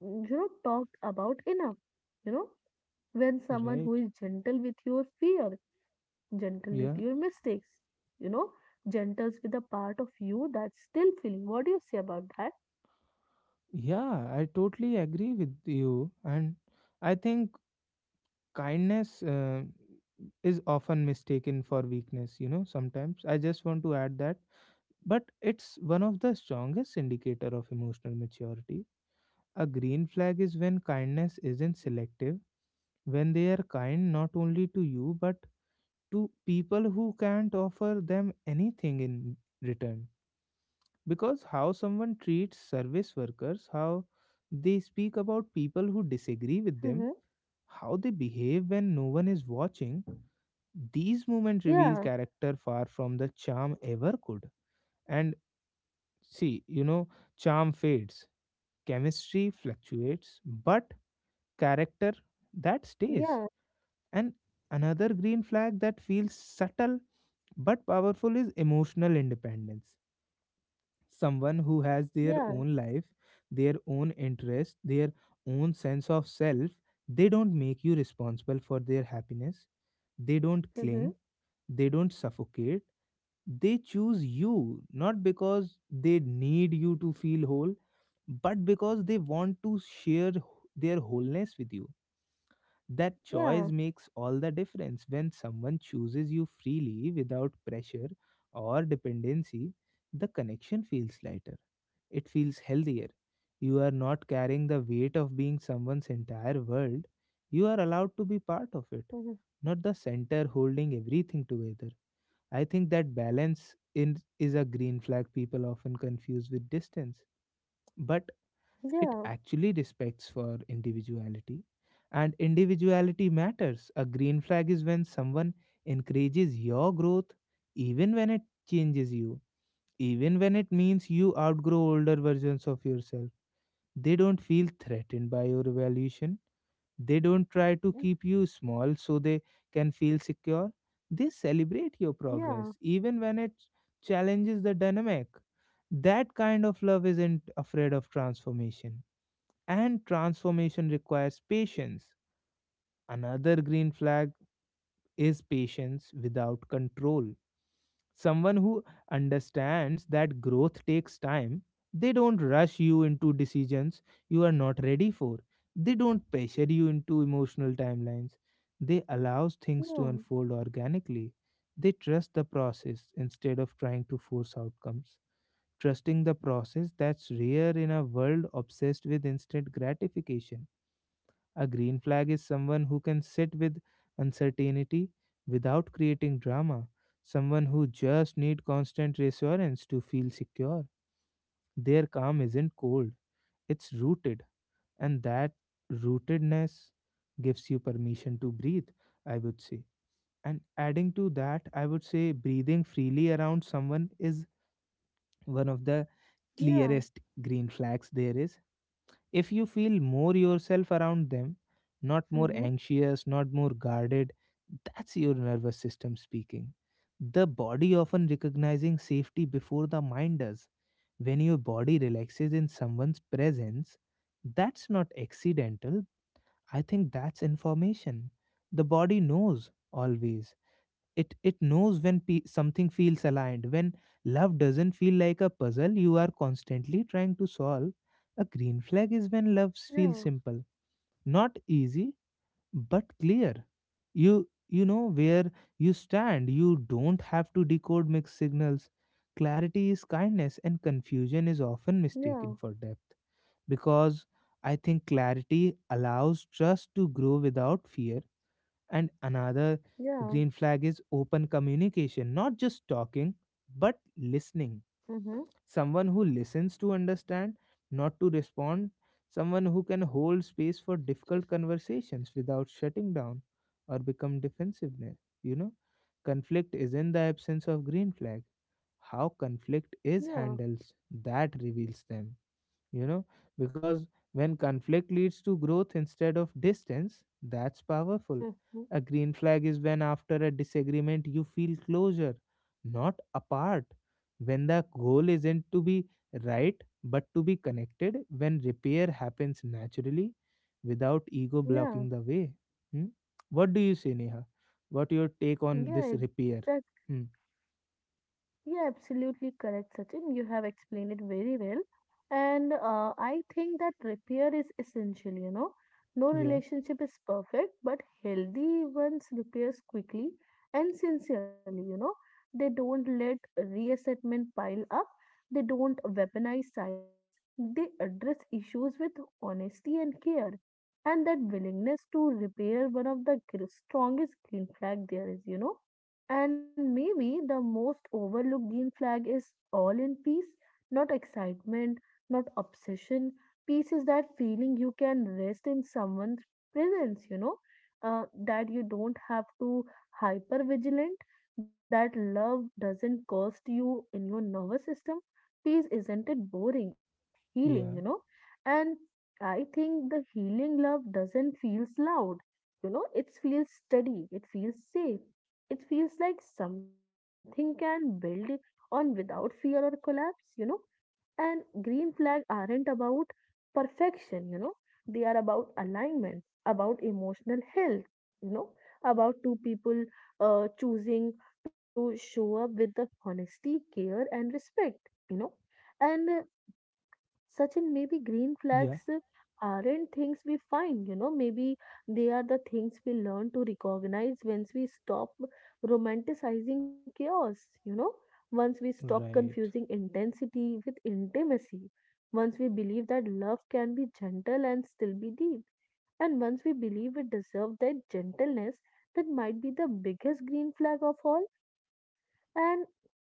mm, you know, talked about enough, you know, when someone who
Right.
is gentle with your fear, gentle with your
Yeah.
mistakes, you know, gentles with a part of you that's still feeling. What do you say about that?
Yeah, I totally agree with you, and I think kindness uh, is often mistaken for weakness. You know, sometimes I just want to add that, but it's one of the strongest indicator of emotional maturity. A green flag is when kindness isn't selective, when they are kind not only to you but to people who can't offer them anything in return. Because how someone treats service workers, how they speak about people who disagree with them,
Mhm.
how they behave when no one is watching, these moments reveal
Yeah.
character far from the charm ever could. And see, you know, charm fades, chemistry fluctuates, but character, that stays.
Yeah.
And another green flag that feels subtle but powerful is emotional independence. Someone who has their own
Yeah.
life, their own interest, their own sense of self. They don't make you responsible for their happiness, they don't cling,
Mhm.
they don't suffocate. They choose you not because they need you to feel whole, but because they want to share wh- their wholeness with you. That choice
Yeah.
makes all the difference when someone chooses you freely without pressure or dependency. The connection feels lighter, it feels healthier. You are not carrying the weight of being someone's entire world, you are allowed to be part of it,
Mhm.
not the center holding everything together. I think that balance in, is a green flag people often confuse with distance. But it
Yeah.
actually respects for individuality, and individuality matters. A green flag is when someone encourages your growth even when it changes you, even when it means you outgrow older versions of yourself. They don't feel threatened by your evolution, they don't try to keep you small so they can feel secure. They celebrate your
Yeah.
progress even when it challenges the dynamic. That kind of love isn't afraid of transformation, and transformation requires patience. Another green flag is patience without control. Someone who understands that growth takes time, they don't rush you into decisions you are not ready for. They don't pressure you into emotional timelines. They allow things to unfold
Yeah.
organically. They trust the process instead of trying to force outcomes. Trusting the process, that's rare in a world obsessed with instant gratification. A green flag is someone who can sit with uncertainty without creating drama, someone who just need constant reassurance to feel secure. Their calm isn't cold, it's rooted, and that rootedness gives you permission to breathe, I would say. And adding to that, I would say breathing freely around someone is one of the
Yeah.
clearest
Yeah.
green flags there is. If you feel more yourself around them, not more
Mhm.
anxious, not more guarded, that's your nervous system speaking. The body often recognizing safety before the mind does. When your body relaxes in someone's presence, that's not accidental. I think that's information. The body knows always. It it knows when pe something feels aligned, when love doesn't feel like a puzzle you are constantly trying to solve. A green flag is when love feels
Yeah.
simple, not easy but clear. You you know where you stand. You don't have to decode mixed signals. Clarity is kindness, and confusion is often
Yeah.
mistaken for depth. Because I think clarity allows trust to grow without fear. And another green
Yeah.
flag is open communication, not just talking, but listening.
Mhm.
Someone who listens to understand, not to respond. Someone who can hold space for difficult conversations without shutting down or become defensiveness. You know, conflict is in the absence of green flag. How conflict is
Yeah.
handled, that reveals them, you know. Because when conflict leads to growth instead of distance, that's powerful. A
Mhm.
green flag is when after a disagreement you feel closure, not apart. When the goal isn't to be right but to be connected, when repair happens naturally without ego blocking the
Yeah.
way. Hmm? What do you say, Neha? What your take on this
Yeah.
repair?
Exactly.
Hmm.
Yeah, absolutely correct, Sachin. You have explained it very well. And uh, I think that repair is essential, you know. No
Yeah.
relationship is perfect, but healthy ones repairs quickly and sincerely, you know. They don't let reassessment pile up. They don't weaponize silence. They address issues with honesty and care. And that willingness to repair one of the gr- strongest green flag there is, you know. And maybe the most overlooked green flag is all in peace, not excitement, not obsession. Peace is that feeling you can rest in someone's presence, you know, uh, that you don't have to hyper vigilant, that love doesn't cost you in your nervous system. Peace isn't it boring, it's healing,
Yeah.
you know. And I think the healing love doesn't feels loud, you know, it feels steady, it feels safe, it feels like something can build on without fear or collapse, you know. And green flag aren't about perfection, you know. They are about alignment, about emotional health, you know, about two people uh, choosing to show up with the honesty, care, and respect, you know. And uh, Sachin, maybe green
Yeah.
flags uh, aren't things we find, you know, maybe they are the things we learn to recognize once we stop romanticizing chaos, you know, once we stop confusing
Right.
intensity with intimacy, once we believe that love can be gentle and still be deep, and once we believe it deserves that gentleness, that might be the biggest green flag of all. And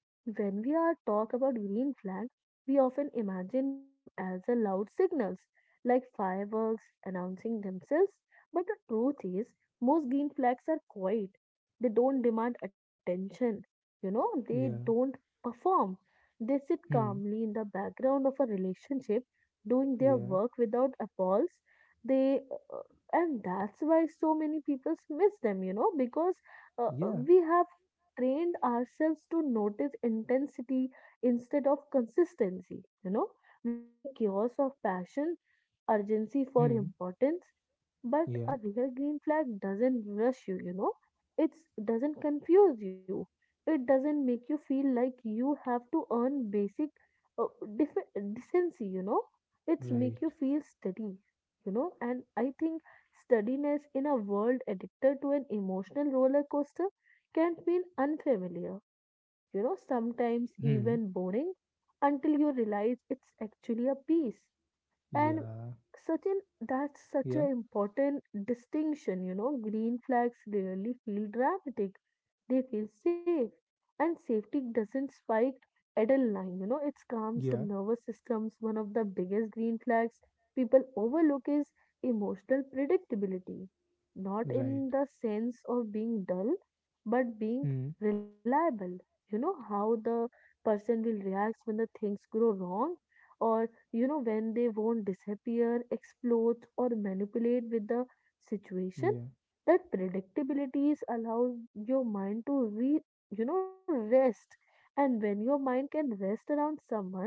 when we are talk about green flag, we often imagine them as a loud signals like fireworks announcing themselves. But the truth is, most green flags are quiet. They don't demand attention. You know, they
Yeah.
don't perform. They sit
Hmm.
calmly in the background of a relationship, doing their
Yeah.
work without appalls. They uh, and that's why so many people miss them. You know, because uh, uh,
Yeah.
we have trained ourselves to notice intensity instead of consistency, you know, we make chaos of passion, urgency for
Hmm.
importance. But
Yeah.
a real green flag doesn't rush you, you know, it doesn't confuse you, it doesn't make you feel like you have to earn basic uh, def- decency, you know, it's
Right.
make you feel steady, you know. And I think steadiness in a world addicted to an emotional roller coaster can feel unfamiliar, you know, sometimes even
Hmm.
boring, until you realize it's actually a piece and
Yeah.
certain. That's such an
Yeah.
important distinction, you know. Green flags rarely feel dramatic. They feel safe. And safety doesn't spike adrenaline, you know, it calms the
Yeah.
nervous systems. One of the biggest green flags people overlook is emotional predictability. Not
Right.
in the sense of being dull, but being
Hmm.
reliable. You know how the person will react when the things go wrong, or you know, when they won't disappear, explode, or manipulate with the situation.
Yeah.
That predictabilities allows your mind to re, you know, rest. And when your mind can rest around someone,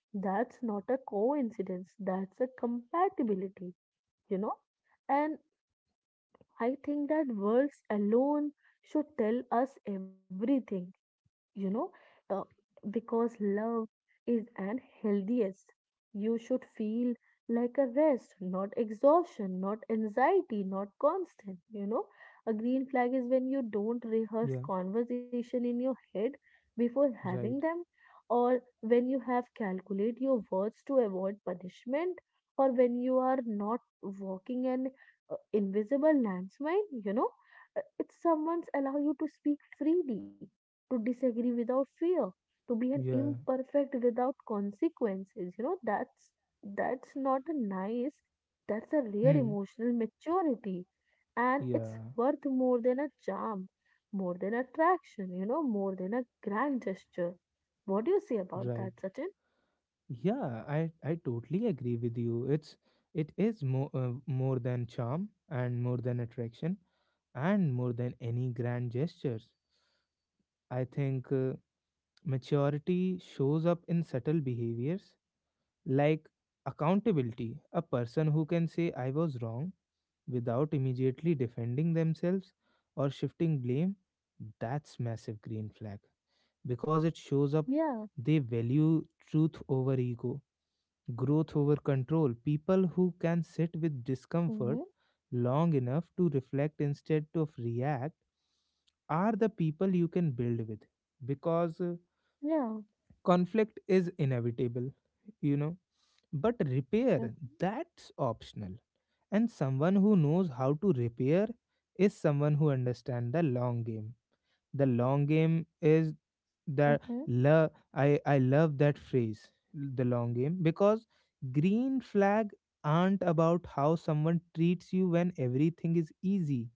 that's not a coincidence. That's a compatibility, you know. And I think that words alone should tell us everything, you know, uh, because love is an healthiest. You should feel like a rest, not exhaustion, not anxiety, not constant. You know, a green flag is when you don't rehearse
Yeah.
conversation in your head before having
Right.
them, or when you have calculate your words to avoid punishment, or when you are not walking an uh, invisible landmine. You know, uh, it's someone's allow you to speak freely, to disagree without fear, to be an
Yeah.
imperfect without consequences. You know, that's that's not a nice, that's a rare
Hmm.
emotional maturity. And it's
Yeah.
worth more than a charm, more than attraction, you know, more than a grand gesture. What do you say about
Right.
that, Sachin?
Yeah. I I totally agree with you. It's it is more uh, more than charm and more than attraction and more than any grand gestures. I think uh, maturity shows up in subtle behaviors like accountability. A person who can say I was wrong without immediately defending themselves or shifting blame, that's massive green flag because it shows up
Yeah.
they value truth over ego, growth over control. People who can sit with discomfort
Mm-hmm.
long enough to reflect instead of react are the people you can build with. Because uh,
Yeah.
conflict is inevitable, you know, but repair,
Mm-hmm.
that's optional. And someone who knows how to repair is someone who understands the long game. The long game is the
Mm-hmm.
love. I, I love that phrase, the long game, because green flag aren't about how someone treats you when everything is easy.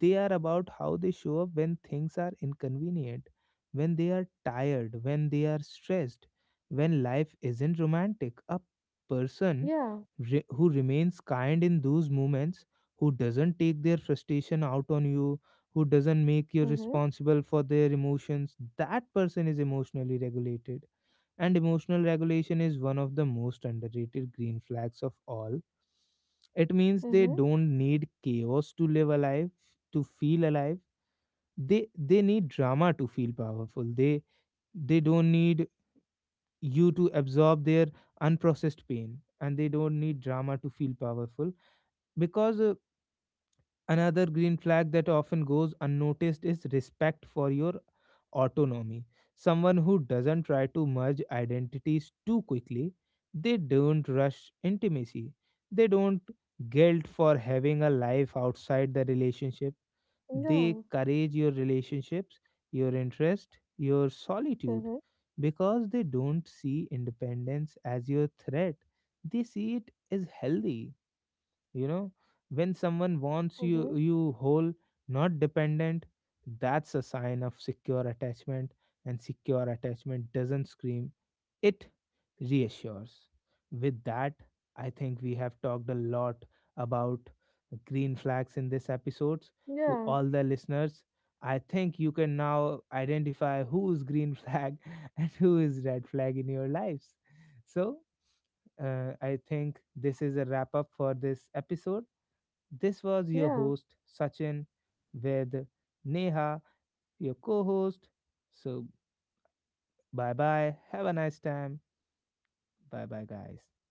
They are about how they show up when things are inconvenient, when they are tired, when they are stressed, when life isn't romantic. A person
Yeah.
re- who remains kind in those moments, who doesn't take their frustration out on you, who doesn't make you
Mm-hmm.
responsible for their emotions, that person is emotionally regulated, and emotional regulation is one of the most underrated green flags of all. It means they
Mm-hmm.
don't need chaos to live alive, to feel alive. They they need drama to feel powerful. They they don't need you to absorb their unprocessed pain, and they don't need drama to feel powerful. Because uh, another green flag that often goes unnoticed is respect for your autonomy. Someone who doesn't try to merge identities too quickly, they don't rush intimacy, they don't guilt for having a life outside the relationship, they
Yeah.
courage your relationships, your interest, your solitude
Mm-hmm.
because they don't see independence as your threat, they see it as healthy. You know, when someone wants you
Mm-hmm.
you whole, not dependent, that's a sign of secure attachment. And secure attachment doesn't scream, it reassures. With that, I think we have talked a lot about green flags in this episode. To
Yeah.
all the listeners, I think you can now identify who is green flag [LAUGHS] and who is red flag in your lives. So, uh, I think this is a wrap up for this episode. This was your
Yeah.
host, Sachin, with Neha, your co host. So, bye bye. Have a nice time. Bye bye, guys.